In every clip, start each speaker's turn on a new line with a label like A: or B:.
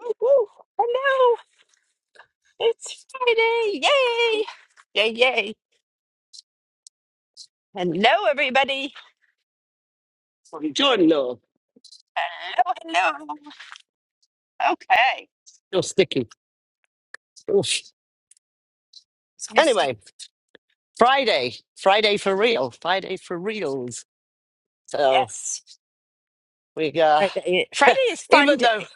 A: Woo, woo. Hello, it's Friday. Yay! Yay, yay. Hello, everybody.
B: John, no,
A: Hello, hello. Okay.
B: you're sticky. Oof.
A: It's misty.
B: Anyway, Friday, Friday for real, Friday for reals. So
A: Yes.
B: we, uh,
A: Friday. Friday is fun
B: even though,
A: day.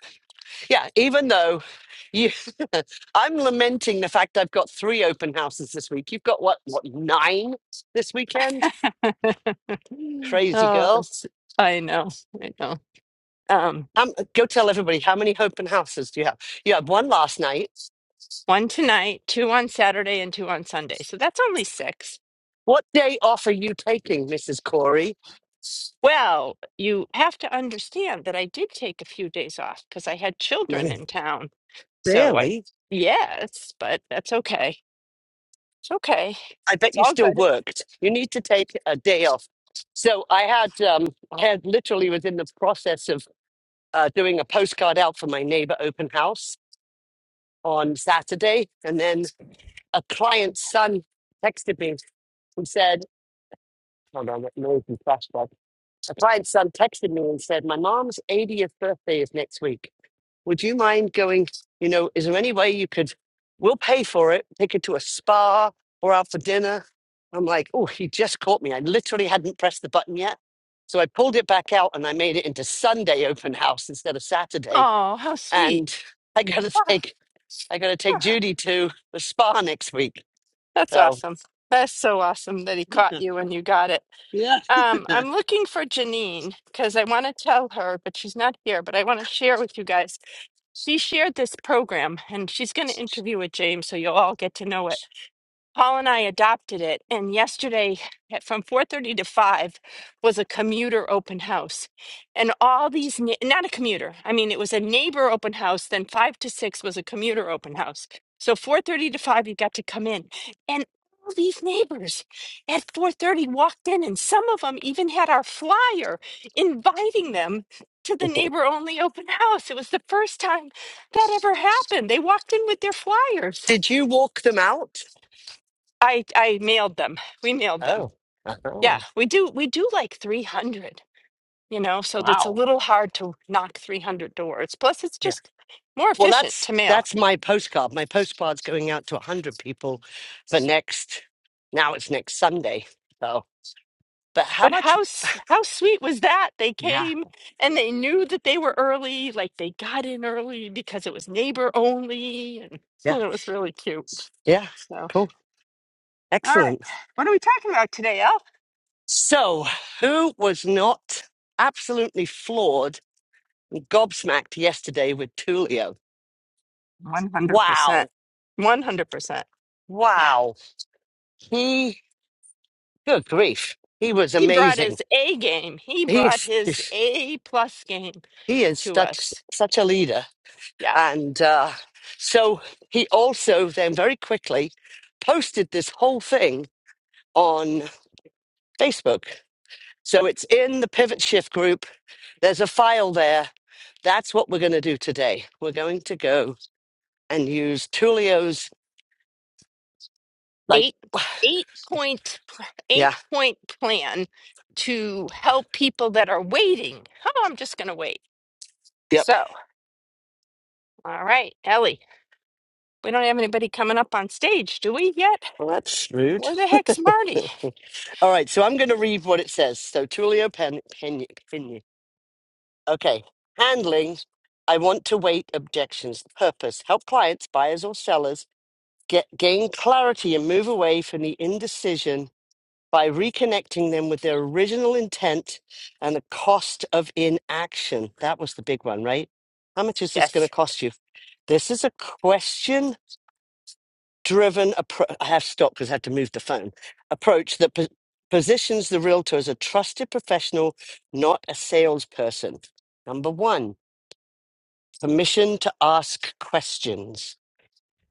B: yeah, even though you, I'm lamenting the fact I've got three open houses this week. You've got what, what nine this weekend? Crazy
A: Oh,
B: girl.
A: it's- I know. I know. Um,
B: Um, go tell everybody how many open houses do you have? You had one last night.
A: one tonight, two on Saturday, and two on Sunday. So that's only six.
B: What day off are you taking, Mrs. Corey?
A: Well, you have to understand that I did take a few days off because I had children
B: Morning.
A: in town. So I,
B: Really?
A: yes, but that's okay. Okay.
B: I bet
A: It's
B: you
A: all
B: still
A: good.
B: worked. You need to take a day off. So I had, um, I had literally was in the process of uh, doing a postcard out for my neighbor open house on Saturday, and then a client's son texted me and said, "Hold on, that noise is flashback." A client's son texted me and said, "My mom's 80th birthday is next week. would you mind going, you know, is there any way you could, we'll pay for it, take her to a spa or out for dinner? I'm like, oh, he just caught me. I literally hadn't pressed the button yet. So I pulled it back out and I made it into Sunday open house instead of Saturday.
A: Oh, how sweet.
B: And I gotta
A: Ah,
B: take I gotta take
A: ah,
B: Judy to the spa next week.
A: That's
B: So
A: awesome. That's so awesome that he caught you when you got it.
B: Yeah.
A: Um, I'm looking for Janine because I want to tell her, but she's not here, but I want to share with you guys. She shared this program and she's going to interview with James so you'll all get to know it. Paul and I adopted it, and yesterday at, from 4:30 to 5 was a commuter open house. And all these ne- not a commuter. I mean, it was a neighbor open house, then 5 to 6 was a commuter open house. So 4:30 to 5 you got to come in. And all these neighbors at 4:30 walked in and some of them even had our flyer inviting them to the neighbor only open house. It was the first time that ever happened. They walked in with their flyers.
B: did you walk them out?
A: I I mailed them. We mailed them.
B: Oh.
A: Yeah,
B: uh-huh.
A: we do we do like 300, you know, so that's a
B: Wow.
A: little hard to knock 300 doors. Plus it's just more
B: Well,
A: efficient
B: that's
A: to mail.
B: that's my postcard. My postcard's going out to 100 people for next now it's next Sunday. So, but how
A: But
B: much
A: how s- how sweet was that? They
B: yeah,
A: came and they knew that they were early, like they got in early because it was neighbor only and,
B: yeah.
A: and it was really cute.
B: Yeah.
A: So,
B: Cool.
A: all right.
B: Excellent.
A: What are we talking about today, Al?
B: So, who was not absolutely floored, and gobsmacked yesterday with Tulio?
A: 100%.
B: Wow.
A: 100%. Yeah.
B: Wow. He good grief. He was
A: He brought
B: amazing.
A: his A game. He
B: He
A: brought
B: is
A: his A plus game
B: he is
A: to
B: such
A: us.
B: such a leader.
A: Yeah.
B: And uh, so he also then very quickly posted this whole thing on Facebook. So it's in the Pivot Shift group. There's a file there. That's what we're going to do today. We're going to go and use Tulio's, like,
A: Eight eight point pl- eight
B: yeah,
A: point plan to help people that are waiting. Oh, I'm just gonna wait.
B: yep.
A: So, all right, Ellie. We don't have anybody coming up on stage, do we yet?
B: Well, that's shrewd.
A: Where the heck's Marty?
B: All right, so I'm going to read what it says. So Tulio Pen, Pen, Pen, okay, handling. I want to wait objections, purpose, help clients, buyers, or sellers get gain clarity and move away from the indecision by reconnecting them with their original intent and the cost of inaction. That was the big one, right? How much is this going to
A: Yes,
B: cost you? This is a question driven approach. I have stopped because I had to move the phone. Approach that po- positions the realtor as a trusted professional, not a salesperson. Number one, permission to ask questions.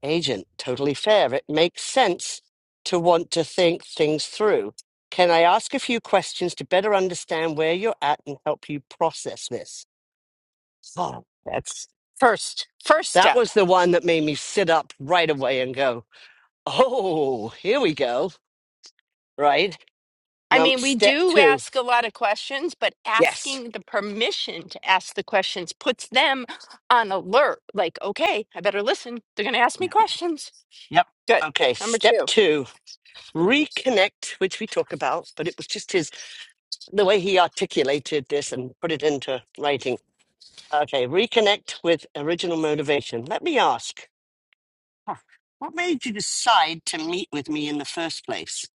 B: agent. Totally fair. It makes sense to want to think things through. Can I ask a few questions to better understand where you're at and help you process this? Oh,
A: that's first first
B: that
A: step.
B: was the one that made me sit up right away and go, oh, here we go. Right?
A: I
B: Now,
A: mean, we
B: step
A: do
B: two.
A: ask a lot of questions, but
B: Yes.
A: asking the permission to ask the questions puts them on alert. Like, okay, I better listen. They're going to ask me
B: Yeah.
A: questions.
B: Yep.
A: Good.
B: Okay.
A: Number
B: Step
A: two.
B: two reconnect, which we talk about, but it was just his, the way he articulated this and put it into writing Okay, reconnect with original motivation. Let me ask, huh, what made you decide to meet with me in the first place?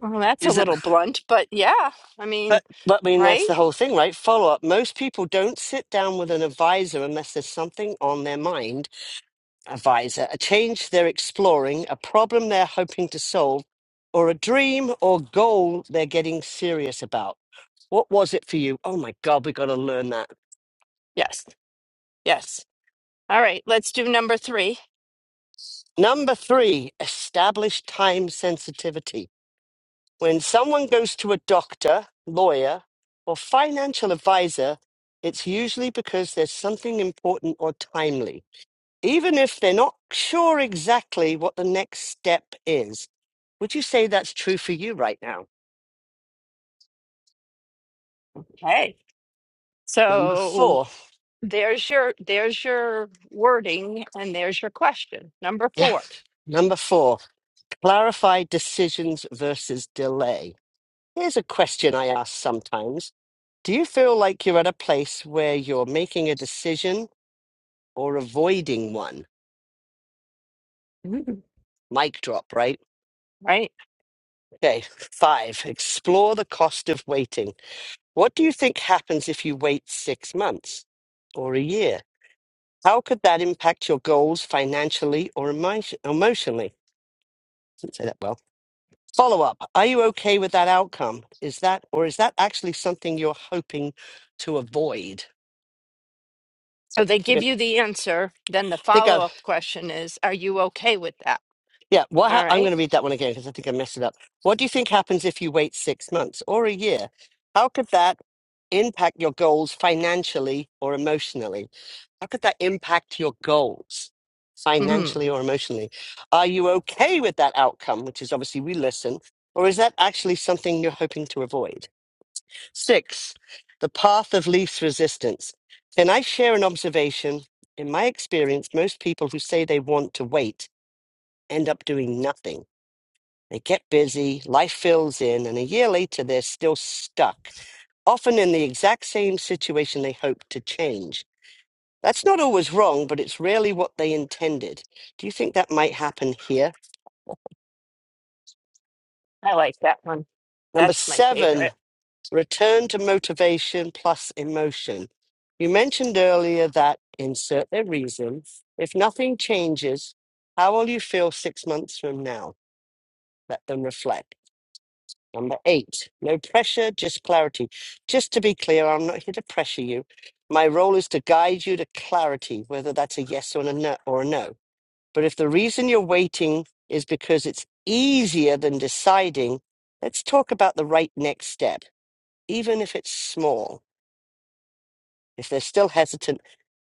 A: Well, that's a
B: Is it,
A: little blunt, but yeah, I mean,
B: but, but I mean, that's
A: right?
B: the whole thing, right? Follow up. Most people don't sit down with an advisor unless there's something on their mind, advisor, a change they're exploring, a problem they're hoping to solve, or a dream or goal they're getting serious about. What was it for you? Oh my God, we got to learn that.
A: Yes. Yes. All right, let's do number three.
B: Number three, establish time sensitivity. When someone goes to a doctor, lawyer, or financial advisor, it's usually because there's something important or timely, even if they're not sure exactly what the next step is. Would you say that's true for you right now?
A: Okay.
B: Number
A: So
B: four.
A: there's your there's your wording and there's your question. Number
B: Yeah.
A: four.
B: Number four, clarify decisions versus delay. Here's a question I ask sometimes Do you feel like you're at a place where you're making a decision or avoiding one?
A: Mhm.
B: Mic drop, right?
A: Right?
B: Okay, five, explore the cost of waiting. What do you think happens if you wait six months or a year? How could that impact your goals financially or emo- emotionally? Didn't say that well. Follow up. Are you okay with that outcome? Is that, or is that actually something you're hoping to avoid?
A: So they give
B: Okay,
A: you
B: I
A: the answer. Then the
B: think
A: follow
B: I,
A: up question is, are you okay with that?
B: yeah, what
A: All
B: ha- I'm going
A: right.
B: to read that one again because I think I messed it up. What do you think happens if you wait six months or a year? How could that impact your goals financially or emotionally? How could that impact your goals
A: Mm,
B: financially or emotionally? Are you okay with that outcome, which is obviously we listen, or is that actually something you're hoping to avoid? Six, the path of least resistance. Can I share an observation? In my experience, most people who say they want to wait end up doing nothing. They get busy, life fills in, and a year later, they're still stuck, often in the exact same situation they hoped to change. That's not always wrong, but it's rarely what they intended. Do you think that might happen here?
A: I like that one.
B: Number
A: That's my
B: seven,
A: favorite.
B: return to motivation plus emotion. You mentioned earlier that insert their reason. If nothing changes, how will you feel six months from now? Let them reflect. Number eight, no pressure, just clarity. Just to be clear, I'm not here to pressure you. My role is to guide you to clarity, whether that's a yes or a no. Or a no. But if the reason you're waiting is because it's easier than deciding, let's talk about the right next step, even if it's small. If they're still hesitant,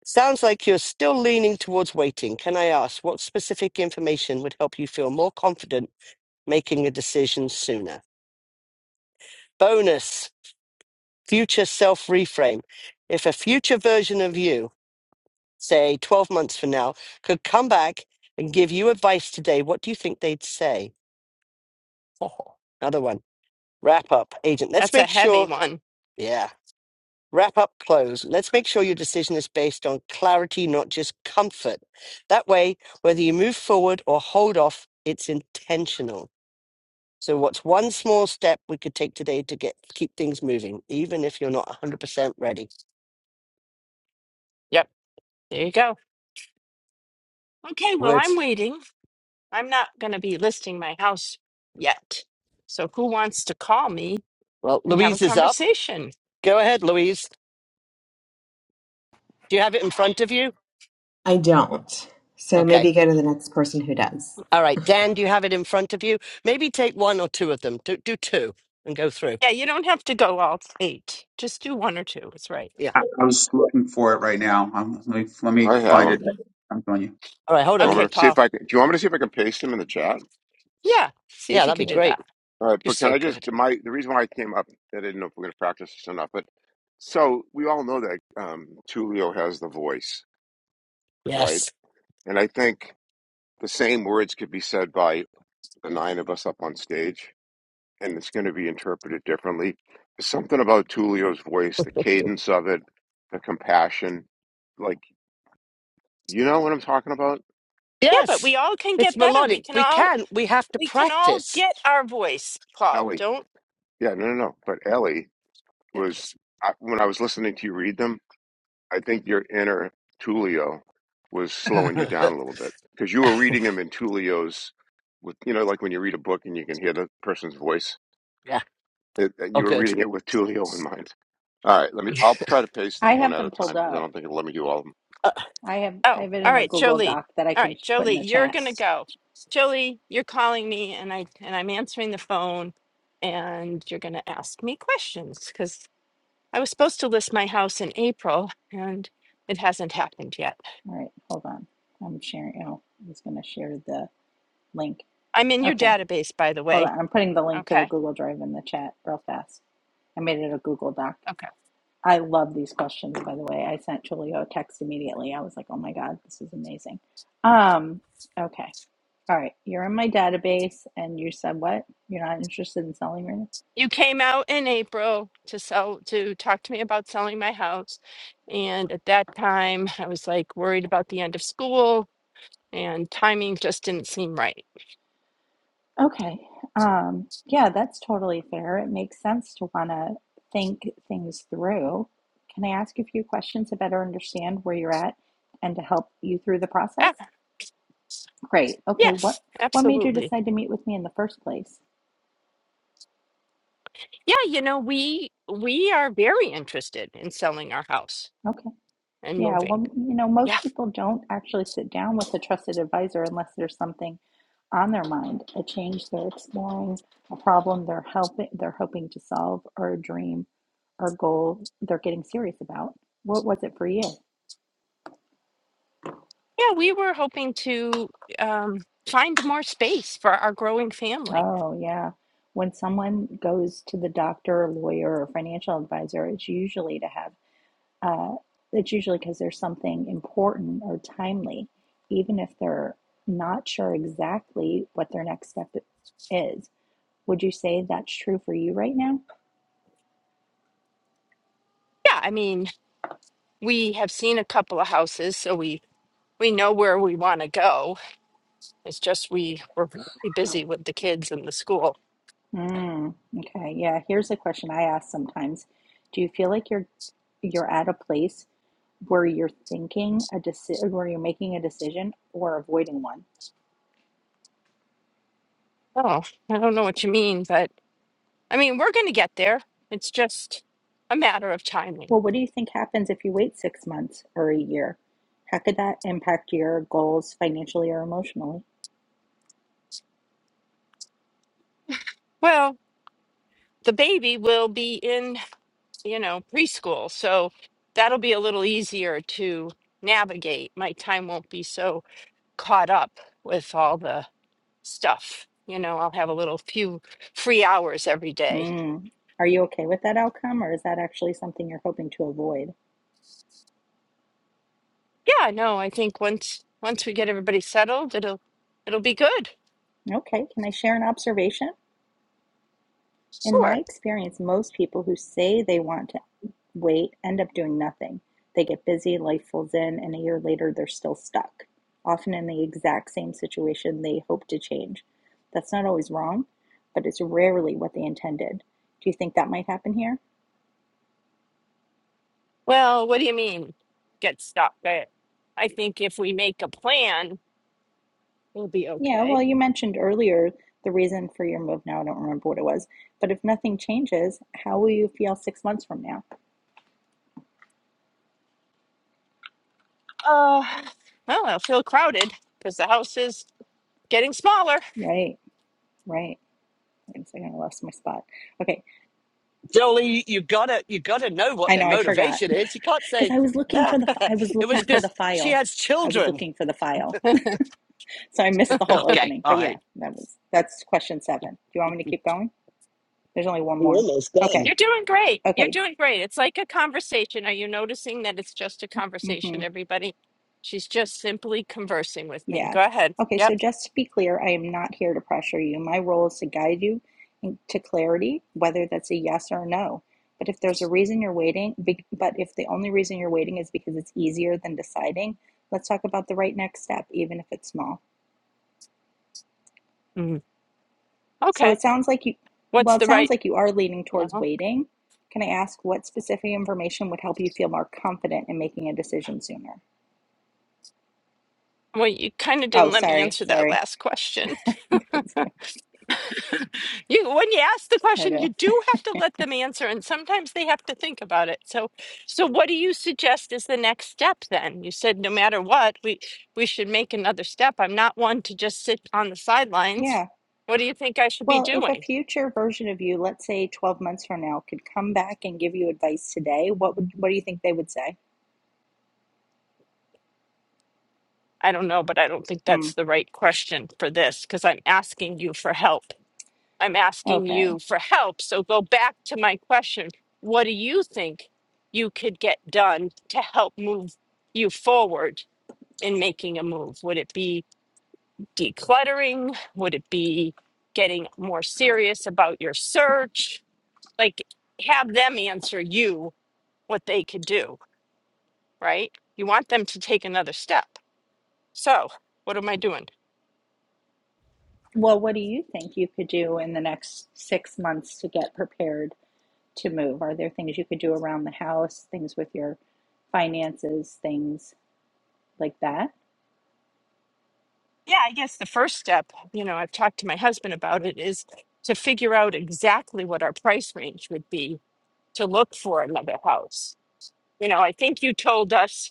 B: sounds like you're still leaning towards waiting. Can I ask what specific information would help you feel more confident making a decision sooner? Bonus future self reframe. If a future version of you, say 12 months from now, could come back and give you advice today, what do you think they'd say? Another one. Wrap up, agent. Let's
A: That's a
B: make
A: heavy
B: sure,
A: one.
B: yeah, wrap up, close. Let's make sure your decision is based on clarity, not just comfort. That way, whether you move forward or hold off, it's intentional. So, what's one small step we could take today to get keep things moving, even if you're not 100% ready?
A: Yep. There you go. Okay. Well, I'm
B: Words.
A: waiting. I'm not going to be listing my house yet. So who wants to call me
B: Well,
A: and have a
B: Louise is up.
A: conversation?
B: Go ahead, Louise. Do you have it in front of you?
C: I don't. So
B: Okay.
C: maybe go to the next person who does.
B: All right. Dan, do you have it in front of you? Maybe take one or two of them. Do, do two and go through.
A: Yeah. You don't have to go all eight. Just do one or two. It's right.
B: Yeah.
D: I, I was looking for it right now. I'm, let, me, let me
E: I have
D: find
E: them.
D: it. I'm telling you.
B: All right. Hold
E: You want
B: on.
A: Okay,
E: me to see if
A: Paul.
E: I can, do you want me to see if I can paste them in the chat?
A: Yeah. See
B: Yeah,
A: if you
B: that'd be
A: could do
E: Or,
B: great.
A: that.
E: all right,
B: You're
E: but can
B: so
E: I just
B: good.
E: my the reason why I came up, I didn't know if we're going to practice this or not, but so we all know that um, Tulio has the voice, right?
B: Yes.
E: And I think the same words could be said by the nine of us up on stage, and it's going to be interpreted differently. There's something about Tulio's voice, the cadence of it, the compassion, like you know what I'm talking about,
A: Yeah, but
B: Yes.
A: we all can
B: It's
A: get better. We
B: melodic.
A: can
B: We
A: all
B: can. We have to
A: we can all
B: practice.
A: get our voice, Paul.
E: Ellie.
A: Don't.
E: Yeah, no, no, no. But Ellie was
B: yeah.
E: I, when I was listening to you read them, I think your inner Tulio was slowing you down a little bit because you were reading them in Tulio's with you know like when you read a book and you can hear the person's voice.
B: Yeah.
E: It,
B: Oh,
E: you were
B: good.
E: reading it with Tulio in mind. All right, let me. I'll try to pace
F: I
E: them one
F: have
E: at a
F: them pulled
E: time because I don't
F: up.
E: think it'll let me do all of them.
B: Uh,
F: I have I
A: Oh,
F: have it
A: all
F: in a
A: right,
F: Google
A: Jolie.
F: Doc that I
A: All
F: can
A: right,
F: put
A: Jolie,
F: in the
A: you're
F: chat.
A: gonna go. Jolie, you're calling me, and I and I'm answering the phone, and you're gonna ask me questions because I was supposed to list my house in April, and it hasn't happened yet.
F: All right, hold on. I'm sharing. Oh, I was going to share the link.
A: I'm in your
F: Okay,
A: database, by the
F: hold
A: way.
F: on. I'm putting the link to the
A: Okay.
F: Google Drive in the chat real fast. I made it a Google Doc.
A: Okay.
F: I love these questions, by the way. I sent Julio a text immediately. I was like, oh my God, this is amazing. Um, okay. All right. You're in my database and you said what? You're not interested in selling right now?
A: You came out in April to sell to talk to me about selling my house, and at that time I was like worried about the end of school and timing just didn't seem right.
F: Okay. Um, yeah, that's totally fair. It makes sense to want to think things through. Can I ask you a few questions to better understand where you're at and to help you through the
A: Ah,
F: process? Great. Okay. What
A: yes,
F: what made you
A: absolutely.
F: decide to meet with me in the first place?
A: Yeah, you know, we we are very interested in selling our house
F: Okay.
A: and
F: Yeah.
A: moving.
F: Well, you know,
A: Yeah.
F: most people don't actually sit down with a trusted advisor unless there's something on their mind, a change they're exploring, a problem they're helping they're hoping to solve, or a dream or goal they're getting serious about. What was it for you?
A: Yeah, we were hoping to um find more space for our growing family.
F: Oh, yeah. When someone goes to the doctor, lawyer, or financial advisor, it's usually to have uh, it's usually because there's something important or timely, even if they're not sure exactly what their next step is. Would you say that's true for you right now?
A: Yeah, I mean, we have seen a couple of houses, so we we know where we want to go. It's just we were really busy with the kids and the school.
F: Mm, okay, yeah. Here's a question I ask sometimes. Do you feel like you're you're at a place where you're thinking a decision, where you're making a decision or avoiding one?
A: Oh, I don't know what you mean, but I mean, we're going to get there. It's just a matter of timing.
F: Well, what do you think happens if you wait six months or a year? How could that impact your goals financially or emotionally?
A: Well, the baby will be in, you know, preschool, so that'll be a little easier to navigate. My time won't be so caught up with all the stuff. You know, I'll have a little few free hours every day.
F: Mm. Are you okay with that outcome, or is that actually something you're hoping to avoid?
A: Yeah, no, I think once once we get everybody settled, it'll it'll be good.
F: Okay, can I share an observation? In my
A: Sure.
F: experience, most people who say they want to wait end up doing nothing. They get busy, life folds in, and a year later they're still stuck, often in the exact same situation they hope to change. That's not always wrong, but it's rarely what they intended. Do you think that might happen here?
A: Well, what do you mean get stuck? I, I think if we make a plan, we'll be
F: Yeah, well,
A: okay.
F: you mentioned earlier the reason for your move now. I don't remember what it was, but if nothing changes, how will you feel six months from now?
A: Uh, well, i will feel crowded because the house is getting smaller.
F: Right, right. Wait a second, I lost my spot. Okay,
B: Jolie, you gotta, you gotta know what
F: I
B: their
F: know I forgot
B: motivation is. You can't
F: because
B: say
F: I was looking for the I was
B: it was
F: looking for the
B: because she
F: file.
B: has
F: I was
B: children.
F: looking for the file, so I missed the whole
B: Okay.
F: opening.
B: All
F: But yeah,
B: right.
F: that was that's question seven. Do you want me to keep going? There's only one
B: You're
F: more.
B: almost
F: Okay,
B: done.
A: You're doing great. You're
F: okay.
A: doing great. It's like a conversation. Are you noticing that it's just a
F: hmm
A: conversation, everybody? She's just simply conversing with me.
F: Yeah.
A: Go ahead.
F: Okay, so
A: Yep.
F: just to be clear, I am not here to pressure you. My role is to guide you in- to clarity, whether that's a yes or a no. But if there's a reason you're waiting, be- but if the only reason you're waiting is because it's easier than deciding, let's talk about the right next step, even if it's small.
A: Mm.
F: So
A: Okay.
F: it sounds like you, well,
A: What's
F: it
A: the
F: sounds
A: right?
F: like you are leaning towards
A: Well,
F: waiting. Can I ask what specific information would help you feel more confident in making a decision sooner?
A: well, you kind of
F: Oh,
A: didn't let me
F: sorry,
A: answer that
F: sorry.
A: last question.
F: I
A: You, when you ask the question, you
F: know.
A: do have to let them answer, and sometimes they have to think about it. So, so what do you suggest is the next step then? You said no matter what, we we should make another step. I'm not one to just sit on the
F: Yeah.
A: sidelines. What do you think I should be
F: Well, if a
A: doing?
F: future version of you, let's say 12 months from now, could come back and give you advice today, what would what do you think they would say?
A: I don't know, but I don't think
F: Hmm.
A: that's the right question for this because I'm asking you for help. I'm asking you
F: Okay.
A: for help. So go back to my question. What do you think you could get done to help move you forward? in making a move? Would it be decluttering? Would it be getting more serious about your search? Like, have them answer you what they could do, right? You want them to take another step. So, what am I doing?
F: Well, what do you think you could do in the next six months to get prepared to move? Are there things you could do around the house, things with your finances, things like that?
A: Yeah, I guess the first step, you know, I've talked to my husband about it, is to figure out exactly what our price range would be to look for another house You know, I think you told us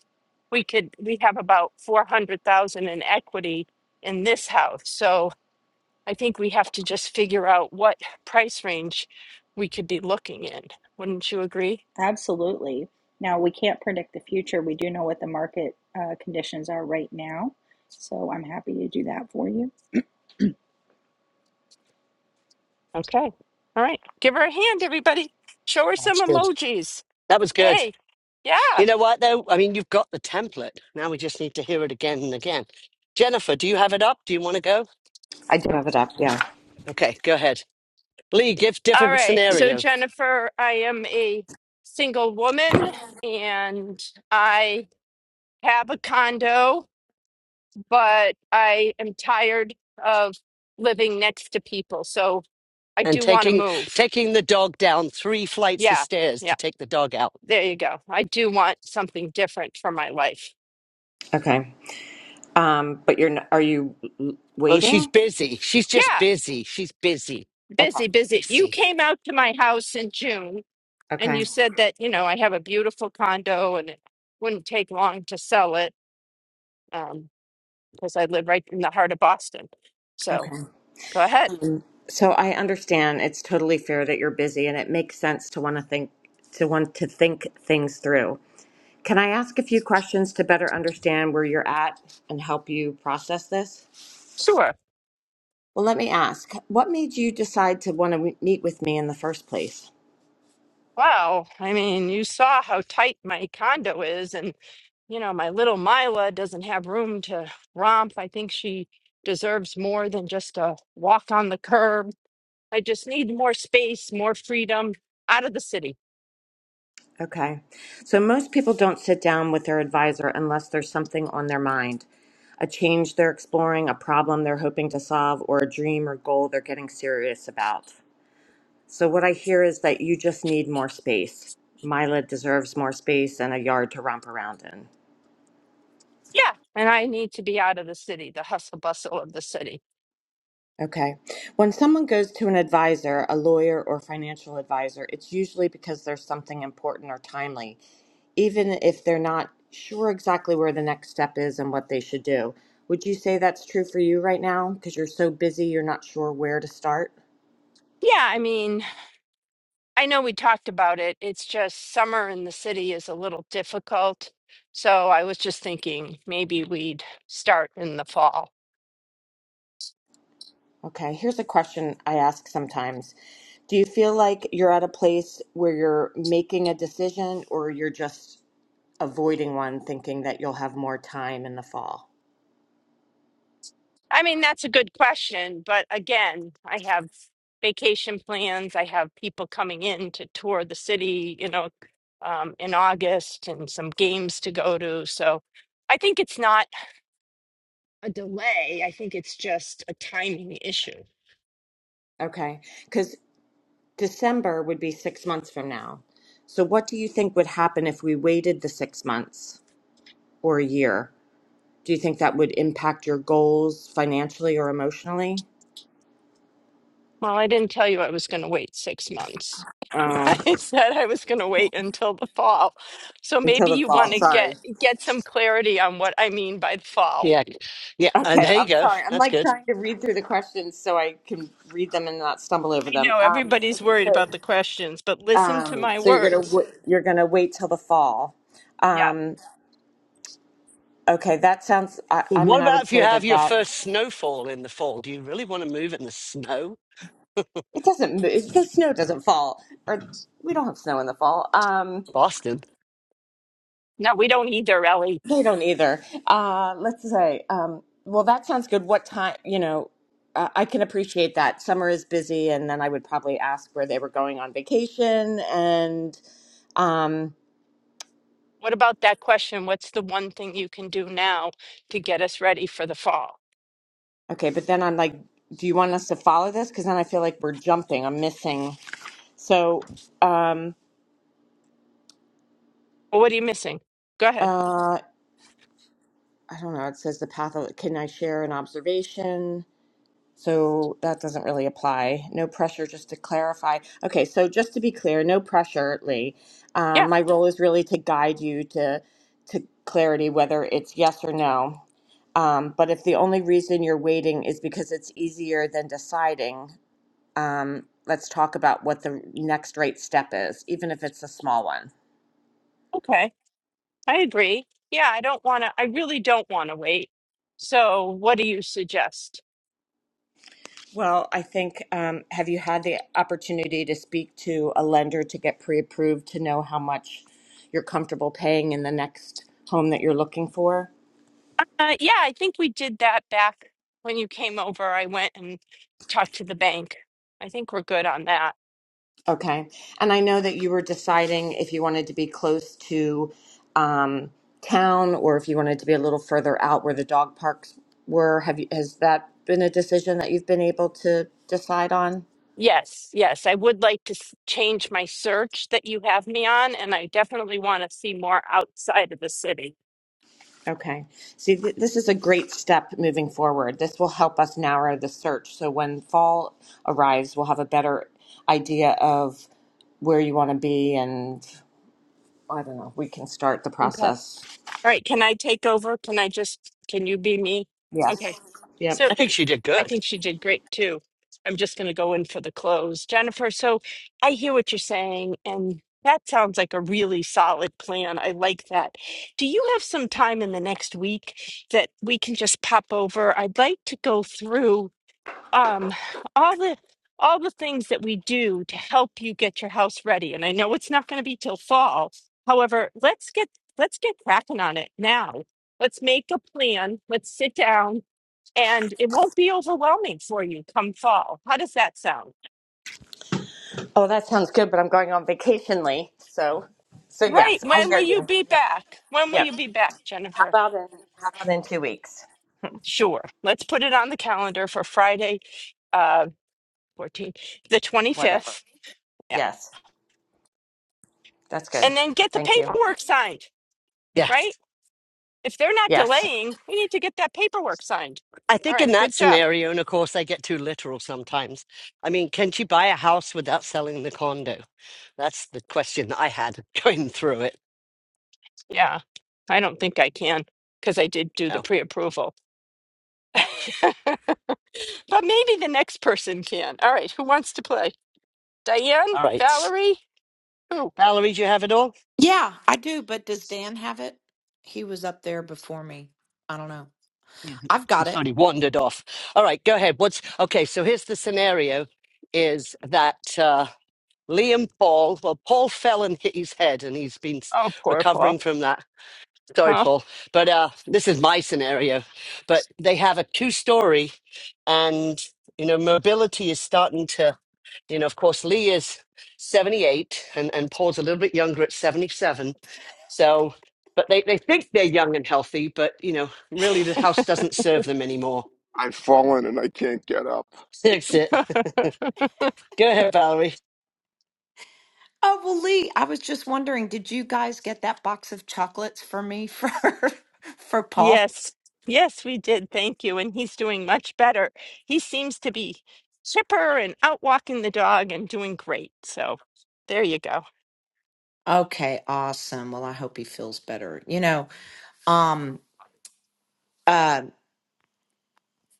A: we could, we have about 400,000 in equity in this house. So I think we have to just figure out what price range we could be looking in. Wouldn't you agree?
F: Absolutely. Now, we can't predict the future. We do know what the market uh, conditions are right now. So I'm happy to do that for you.
A: Okay. All right. Give her a hand, everybody. Show her some
B: That's good.
A: emojis.
B: That was good.
A: Yay. Yeah.
B: You know what though? I mean, you've got the template. Now we just need to hear it again and again. Jennifer, do you have it up? Do you want to go?
G: I do have it up. Yeah.
B: Okay, go ahead. Lee, give
A: All
B: different
A: right. So,
B: scenarios.
A: Jennifer, I am a single woman and I have a condo but I am tired of living next to people. So I
B: and
A: do want to
B: taking
A: move.
B: taking the dog down three flights of
A: Yeah.
B: stairs to
A: Yeah.
B: take the dog out.
A: There you go. I do want something different for my life.
G: Okay. Um, but you're n- are you l-
B: Oh, she's
G: waiting?
B: busy. She's just
A: Yeah.
B: busy. She's busy.
G: Okay.
A: Busy, busy. You
B: Busy.
A: came out to my house in June and
G: Okay.
A: you said that, you know, I have a beautiful condo and it wouldn't take long to sell it um, because I live right in the heart of Boston. So
G: Okay.
A: go ahead.
G: Um, so I understand it's totally fair that you're busy and it makes sense to want to think to want to think things through. Can I ask a few questions to better understand where you're at and help you process this?
A: sure.
G: Well, let me ask. What made you decide to want to meet with me in the first place?
A: Wow. I mean, you saw how tight my condo is, and you know, my little Mila doesn't have room to romp. I think she deserves more than just a walk on the curb. I just need more space, more freedom out of the city.
G: Okay. So most people don't sit down with their advisor unless there's something on their mind a change they're exploring, a problem they're hoping to solve, or a dream or goal they're getting serious about. So, what I hear is that you just need more space. Mila deserves more space and a yard to romp around in.
A: Yeah. And I need to be out of the city, the hustle bustle of the city.
G: Okay. When someone goes to an advisor, a lawyer or financial advisor, it's usually because there's something important or timely, even if they're not sure exactly where the next step is and what they should do. Would you say that's true for you right now? Because you're so busy, you're not sure where to start?
A: Yeah. I mean, I know we talked about it. It's just summer in the city is a little difficult. So I was just thinking maybe we'd start in the fall.
G: Okay. Here's a question I ask sometimes Do you feel like you're at a place where you're making a decision or you're just avoiding one, thinking that you'll have more time in the fall?
A: I mean, that's a good question, but again, I have vacation plans. I have people coming in to tour the city, you know, um, in August and some games to go to. So I think it's not a delay. I think it's just a timing issue.
G: Okay. because. December would be six months from now. So, what do you think would happen if we waited the six months or a year? Do you think that would impact your goals financially or emotionally?
A: Well, I didn't tell you I was going to wait six months.
G: Uh,
A: I said I was going to wait until the fall. So
G: until
A: maybe
G: the
A: you want
G: fall,
A: to
G: sorry.
A: get get some clarity on what I mean by the fall.
B: Yeah. Yeah. And
G: Okay,
B: there
G: I'm
B: you go.
G: sorry. I'm
B: That's
G: like
B: good.
G: trying to read through the questions so I can read them and not stumble
A: I
G: over them.
A: know
G: Um,
A: everybody's
G: okay,
A: worried
G: so
A: about the questions, but listen to
G: um,
A: my
G: so you're gonna
A: words.
G: w- you're gonna wait till the fall.
A: Yeah.
G: Um, okay, that sounds. I,
B: Well,
G: I
B: What
G: mean, I
B: about
G: would
B: if you
G: say
B: have
G: that
B: your
G: that.
B: first snowfall in the fall? Do you really want to move in the snow?
G: It doesn't move. The snow doesn't fall, or we don't have snow in the fall. Um,
B: Boston.
A: No, we don't either, Ellie.
G: they don't either. Uh, let's say. Um, well, that sounds good. What time? You know, uh, I can appreciate that. Summer is busy, and then I would probably ask where they were going on vacation. And um,
A: What about that question? What's the one thing you can do now to get us ready for the fall?
G: okay, but then I'm like, do you want us to follow this? Because then I feel like we're jumping. I'm missing. So, um,
A: Well, what are you missing? Go ahead.
G: uh, I don't know. It says the path. Of, can I share an observation? So that doesn't really apply. No pressure, just to clarify. Okay, so just to be clear, no pressure, Lee. Um,
A: Yeah.
G: my role is really to guide you to to clarity, whether it's yes or no. Um, but if the only reason you're waiting is because it's easier than deciding, um, let's talk about what the next right step is, even if it's a small one.
A: Okay. I agree. Yeah. I don't want to, I really don't want to wait. So, what do you suggest?
G: Well, I think, um, have you had the opportunity to speak to a lender to get pre-approved to know how much you're comfortable paying in the next home that you're looking for?
A: Uh, yeah. I think we did that back when you came over. I went and talked to the bank. I think we're good on that.
G: Okay. And I know that you were deciding if you wanted to be close to um, town or if you wanted to be a little further out where the dog parks were. Have you, has that been a decision that you've been able to decide on?
A: Yes, yes. I would like to s- change my search that you have me on, and I definitely want to see more outside of the city.
G: Okay. See, th- this is a great step moving forward. This will help us narrow the search. So when fall arrives, we'll have a better idea of where you want to be, and I don't know, we can start the
A: Okay. All
G: process.
A: right. Can I take over? Can I just, can you be me? Okay.
G: Yes. Yep.
A: So
B: I think she did
A: I
B: good.
A: think she did great too. I'm just going to go in for the close. Jennifer, so I hear what you're saying, and that sounds like a really solid plan. I like that. Do you have some time in the next week that we can just pop over? I'd like to go through um all the all the things that we do to help you get your house ready and i know it's not going to be till fall however let's get let's get cracking on it now let's make a plan let's sit down and it won't be overwhelming for you come fall how does that sound
G: Oh, that sounds good, but I'm going on vacation, Lee. So, so
A: right
G: yes, I
A: when will
G: hear
A: you
G: you.
A: be
G: Yep.
A: back when will
G: Yep.
A: you be back
G: How
A: jennifer
G: about in How about in two weeks?
A: sure let's put it on the calendar for friday uh 14 the
G: Whatever.
A: 25th yeah
G: Yes, that's good.
A: and then get the
G: Thank you.
A: paperwork signed right
B: Yes.
A: If they're not
G: Yes.
A: delaying, we need to get that paperwork signed.
B: I
A: All
B: think in
A: right,
B: that
A: good job.
B: scenario, and of course I get too literal sometimes. I mean, can she buy a house without selling the condo? That's the question I had going through it.
A: Yeah, I don't think I can because I did do the
B: Oh,
A: pre-approval.
B: Yeah.
A: But maybe the next person can. All right, who wants to play? Diane?
B: All right. right.
A: Valerie? Who?
B: Valerie, do you have it all?
H: Yeah, I do, but does Dan have it? He was up there before me. I don't know. I've got
B: He's
H: it.
B: already wandered off. All right, go ahead. What's okay? So here's the scenario: is that uh, Liam Paul? Well, Paul fell and hit his head, and he's been s-
A: Oh, poor Paul.
B: recovering from that. Sorry,
A: Oh.
B: Paul, but uh, this is my scenario. But they have a two-story, and you know, mobility is starting to You know, of course, Lee is 78 and, and Paul's a little bit younger at 77. So, but they, they think they're young and healthy, but, you know, really the house doesn't serve them anymore.
E: I've fallen and I can't get up.
B: That's it. Go ahead, Valerie.
H: Oh, well, Lee, I was just wondering, did you guys get that box of chocolates for me for for Paul?
A: Yes, yes, we did. Thank you. And he's doing much better. He seems to be chipper and out walking the dog and doing great. So there you go.
H: Okay, awesome. Well, I hope he feels better. You know, um uh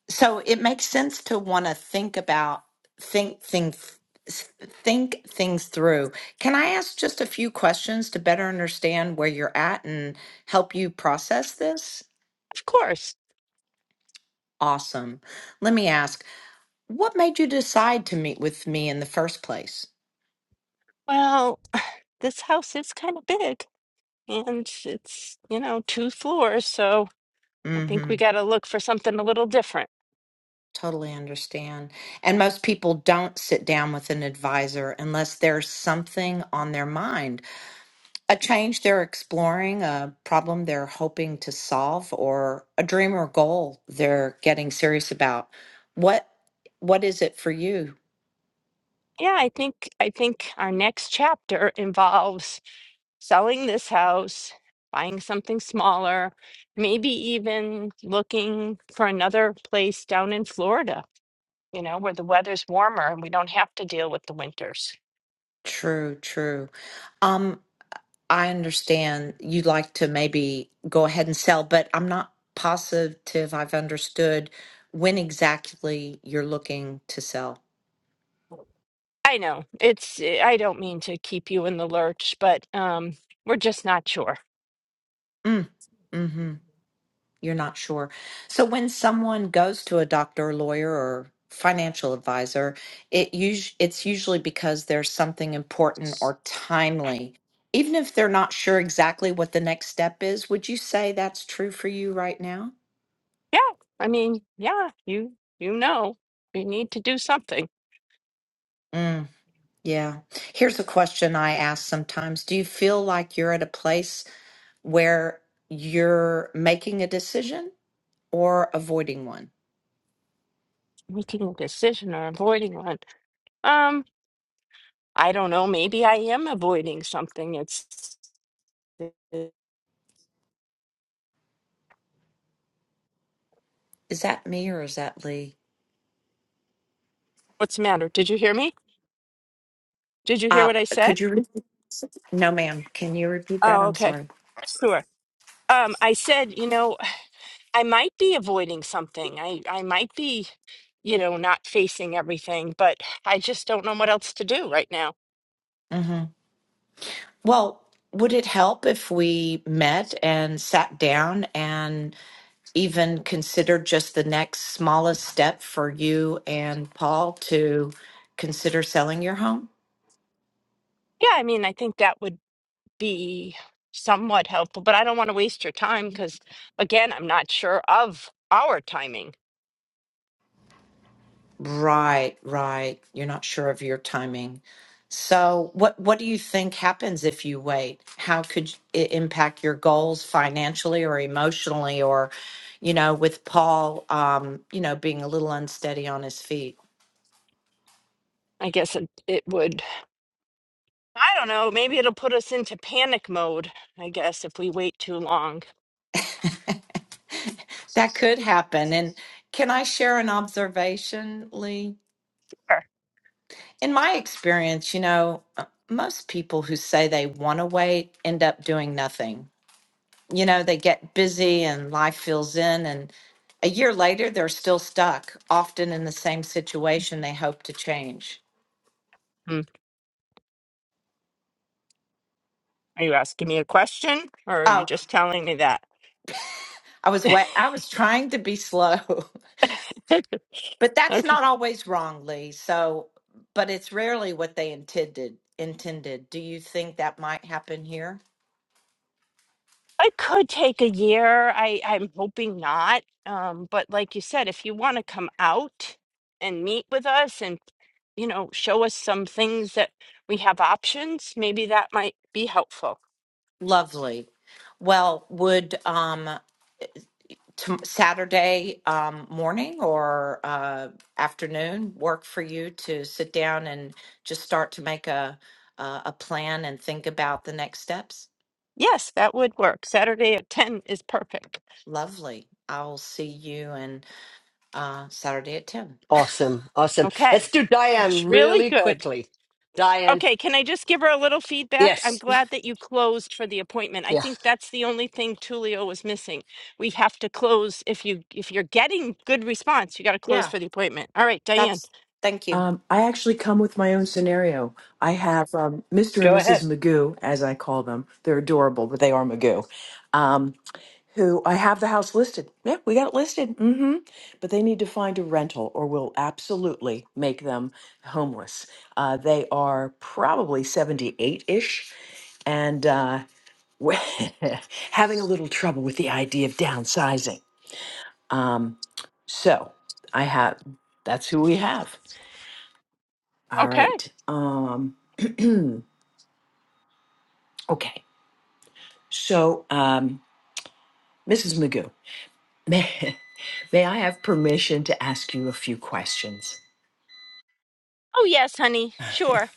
H: so it makes sense to want to think about think think s- think things through. Can I ask just a few questions to better understand where you're at and help you process this?
A: Of course.
H: Awesome. Let me ask, what made you decide to meet with me in the first place?
A: Well, this house is kind of big. And it's, it's, you know, two floors, so I think
H: Mm-hmm.
A: we got to look for something a little different.
H: Totally understand. And most people don't sit down with an advisor unless there's something on their mind, a change they're exploring, a problem they're hoping to solve, or a dream or goal they're getting serious about. What what is it for you?
A: Yeah, I think I think our next chapter involves selling this house, buying something smaller, maybe even looking for another place down in Florida, you know, where the weather's warmer and we don't have to deal with the winters.
H: True, true. Um. I understand you'd like to maybe go ahead and sell, but I'm not positive I've understood when exactly you're looking to sell.
A: I know. It's eh, I don't mean to keep you in the lurch, but um we're just not sure.
H: Mm, hmm You're not sure. So when someone goes to a doctor, lawyer, or financial advisor, it us- it's usually because there's something important or timely. Even if they're not sure exactly what the next step is, would you say that's true for you right now?
A: Yeah, I mean, yeah, you you know, you need to do something.
H: Mm. Yeah. Here's a question I ask sometimes. Do you feel like you're at a place where you're making a decision or avoiding one?
A: Making a decision or avoiding one. Um, I don't know, maybe I am avoiding something. It's
H: Is that me or is that Lee?
A: what's the matter? Did you hear me? Did you hear
H: Uh,
A: what I said?
H: could you repeat? No, ma'am. Can you repeat that?
A: Oh,
H: I'm
A: okay.
H: sorry.
A: Sure. Um, I said, you know, I might be avoiding something. I I might be, you know, not facing everything, but I just don't know what else to do right now.
H: hmm Well, would it help if we met and sat down and even considered just the next smallest step for you and Paul to consider selling your home?
A: Yeah, I mean, I think that would be somewhat helpful, but I don't want to waste your time because, again, I'm not sure of our timing.
H: Right, right. You're not sure of your timing. So, what what do you think happens if you wait? How could it impact your goals financially or emotionally, or, you know, with Paul, um, you know, being a little unsteady on his feet?
A: I guess it, it would, I don't know, maybe it'll put us into panic mode, I guess, if we wait too long.
H: That could happen. And can I share an observation, Lee?
A: Sure.
H: In my experience, you know, uh, most people who say they want to wait end up doing nothing you know, they get busy and life fills in. And a year later, they're still stuck, often in the same situation they hope to change.
A: Hmm. Are you asking me a question or are you
H: Oh,
A: just telling me that?
H: I was wa- I was trying to be slow, but that's
A: Okay.
H: not always wrong, Lee. So, but it's rarely what they intended. Intended. Do you think that might happen here?
A: I could take a year. I I'm hoping not. Um, but like you said, if you want to come out and meet with us and you know show us some things that we have options, maybe that might be helpful.
H: Lovely. Well, would um Tom Saturday um, morning or uh, afternoon work for you to sit down and just start to make a uh, a plan and think about the next steps?
A: Yes, that would work. Saturday at ten is perfect.
H: Lovely. I will see you and uh, Saturday at ten.
B: Awesome. Awesome.
A: Okay,
B: Let's do
A: it's
B: Diane
A: really
B: really
A: good.
B: quickly. Diane.
A: Okay, can I just give her a little feedback? I'm
B: Yes.
A: glad that you closed for the appointment. I
B: Yeah.
A: think that's the only thing Tulio was missing. We have to close if you if you're getting good response, you got to close
H: Yeah,
A: for the appointment. All right, Diane.
H: that's. Thank you.
I: Um, I actually come with my own scenario. I have um, Mr. and
B: Go
I: Mrs.
B: ahead.
I: Magoo, as I call them. They're adorable, but they are Magoo. Um, who I have the house listed. Yeah, we got it listed. hmm But they need to find a rental, or we'll absolutely make them homeless. Uh, they are probably 78 ish and uh, having a little trouble with the idea of downsizing. Um, so I have that's who we have. All
A: Okay.
I: right. Um, okay. So, um, Mrs. Magoo, may, may I have permission to ask you a few questions?
A: Oh yes, honey. Sure.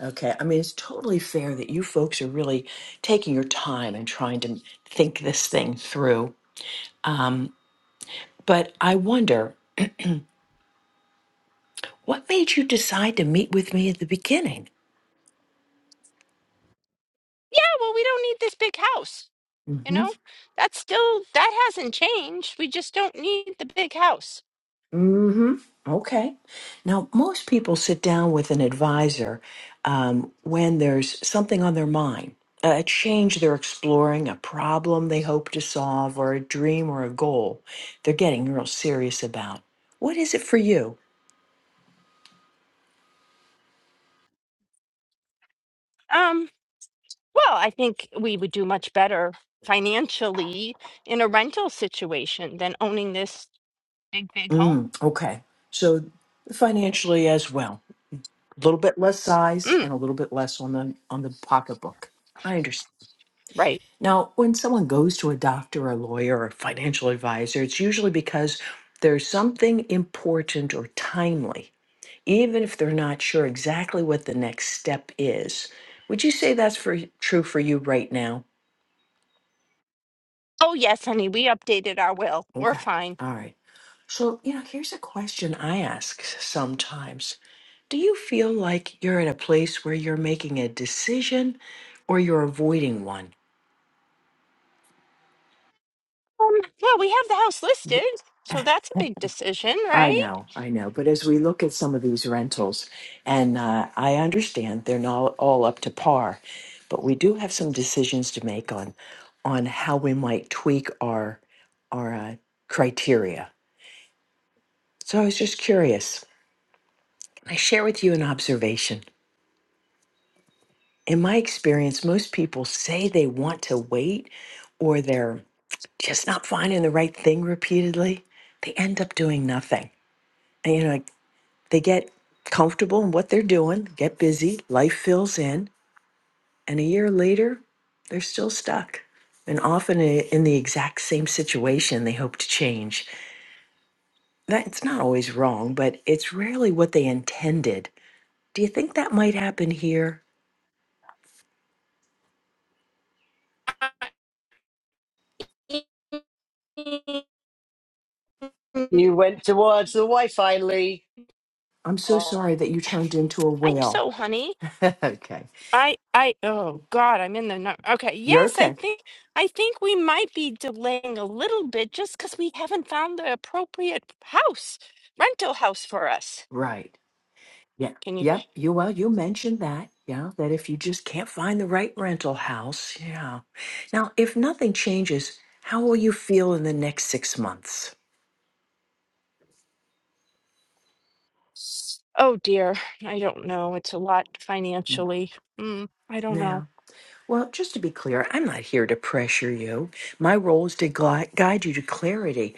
I: Okay. I mean, it's totally fair that you folks are really taking your time and trying to think this thing through. Um, but I wonder, what made you decide to meet with me at the beginning?
A: Yeah, well, we don't need this big house. You know? That's still that hasn't changed. We just don't need the big house.
I: Mm-hmm. Okay. Now, most people sit down with an advisor um, when there's something on their mind, a change they're exploring, a problem they hope to solve, or a dream or a goal they're getting real serious about. What is it for you?
A: Um, well, I think we would do much better financially in a rental situation than owning this big big home.
I: Mm, okay. So financially as well, a little bit less size
A: Mm,
I: and a little bit less on the on the pocketbook. I understand.
A: right.
I: Now, when someone goes to a doctor, or a lawyer, or a financial advisor, it's usually because there's something important or timely, even if they're not sure exactly what the next step is. Would you say that's for true for you right now?
A: Oh, yes, honey, we updated our will. We're
I: Okay.
A: fine.
I: All right. So, you know, here's a question I ask sometimes. Do you feel like you're at a place where you're making a decision or you're avoiding one?
A: Um, well, we have the house listed, so that's a big decision,
I: I
A: right?
I: know, I know. But as we look at some of these rentals, and uh, I understand they're not all up to par, but we do have some decisions to make on on how we might tweak our our uh, criteria. So I was just curious. Can I share with you an observation? In my experience, most people say they want to wait, or they're just not finding the right thing repeatedly. They end up doing nothing. And, you know, like, They get comfortable in what they're doing, get busy, life fills in, and a year later, they're still stuck. And often i- in the exact same situation they hope to change. That's not always wrong, but it's rarely what they intended. Do you think that might happen here?
A: Oh,
B: You went towards the Wi Fi, Lee,
I: I'm so sorry that you turned into a
A: I hope
I: whale.
A: so, honey.
I: okay.
A: I, I, oh God, I'm in the num- Okay,
I: You're
A: yes, I
I: okay.
A: think, I think we might be delaying a little bit just because we haven't found the appropriate house, rental house for us.
I: Right. Yeah.
A: Can you?
I: Yep. You well, you mentioned that. Yeah. That if you just can't find the right rental house. Yeah. Now, if nothing changes, how will you feel in the next six months?
A: Oh dear, I don't know. It's a lot financially. Mm, I don't know.
I: Yeah. Well, just to be clear, I'm not here to pressure you. My role is to gui- guide you to clarity,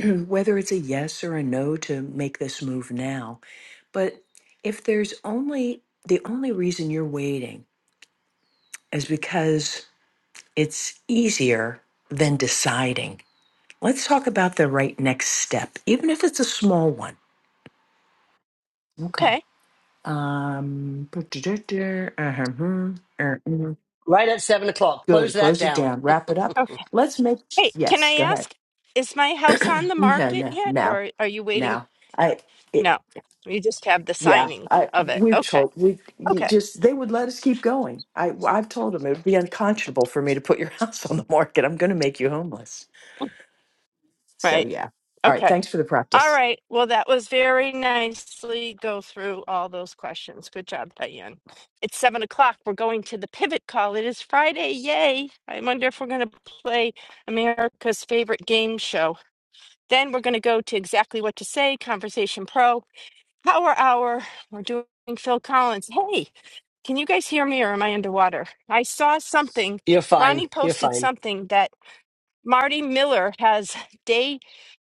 I: whether it's a yes or a no to make this move now. But if there's only the only reason you're waiting is because it's easier than deciding Let's talk about the right next step, even if it's a small one. Okay.
A: Okay.
I: Um, uh-huh, uh-huh.
B: right at seven o'clock. Close
I: good.
B: that
I: Close it
B: down.
I: down. Wrap it up.
A: okay.
I: Let's make.
A: Hey, can I
I: Yes. Go ahead.
A: ask, is my house on the
I: no,
A: market
I: no,
A: yet,
I: no,
A: or are you waiting?
I: no. I. It,
A: No, you just have the
I: yeah.
A: signing
I: I.
A: of it.
I: We've
A: Okay,
I: told. We you
A: okay,
I: just. They would let us keep going. I. I've told them it would be unconscionable for me to put your house on the market. I'm going to make you homeless. So
A: right,
I: yeah. All right.
A: okay.
I: Thanks for the
A: All
I: practice.
A: right. Well, that was very nicely go through all those questions. Good job, Diane. It's seven o'clock. We're going to the pivot call. It is Friday. Yay. I wonder if we're going to play America's favorite game show. Then we're going to go to exactly what to say, Conversation Pro, Power Hour. We're doing Phil Collins. Hey, Can you guys hear me or am I underwater? I saw something.
B: You're fine.
A: Ronnie
B: You're
A: posted
B: fine.
A: something that Marty Miller has day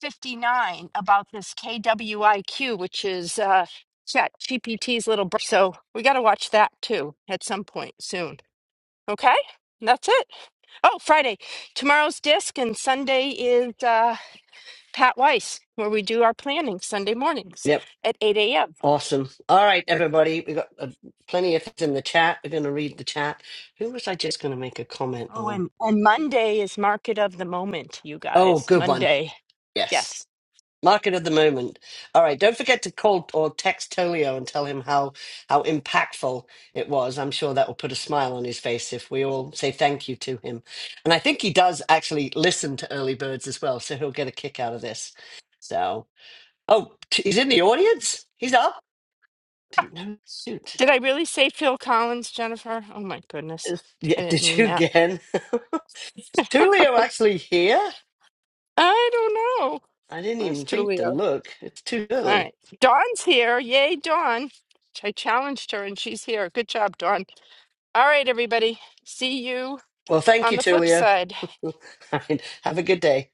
A: 59 about this KWIQ, which is uh, Chat GPT's little br So we got to watch that too at some point soon. Okay? That's it. Oh, Friday. Tomorrow's disc and Sunday is uh, Pat Weiss, where we do our planning Sunday mornings
B: Yep.
A: at 8 a.m.
B: Awesome. All right, everybody. We got uh, plenty of things in the chat. We're going to read the chat. Who was I just going to make a comment
A: Oh,
B: on?
A: and, and Monday is Market of the Moment, you
B: Oh,
A: guys.
B: good one.
A: Monday.
B: Yes.
A: Yes.
B: Market of the moment. All right. Don't forget to call or text Tolio and tell him how how impactful it was. I'm sure that will put a smile on his face if we all say thank you to him. And I think he does actually listen to early birds as well, so he'll get a kick out of this. So, oh, t- he's in the audience. He's up. Didn't know. Suit.
A: Did I really say Phil Collins, Jennifer? Oh my goodness.
B: Yeah,
A: I didn't
B: did
A: mean
B: you
A: that.
B: again? Is Tulio actually here?
A: I don't know.
B: I didn't
A: Where's
B: even think to
A: Tulio?
B: look. It's too
A: All
B: early.
A: right. Dawn's here. Yay, Dawn. I challenged her and she's here. Good job, Dawn. All right, everybody. See you
B: Well, thank you,
A: on the flip
B: Tulio.
A: side.
B: I mean, have a good day.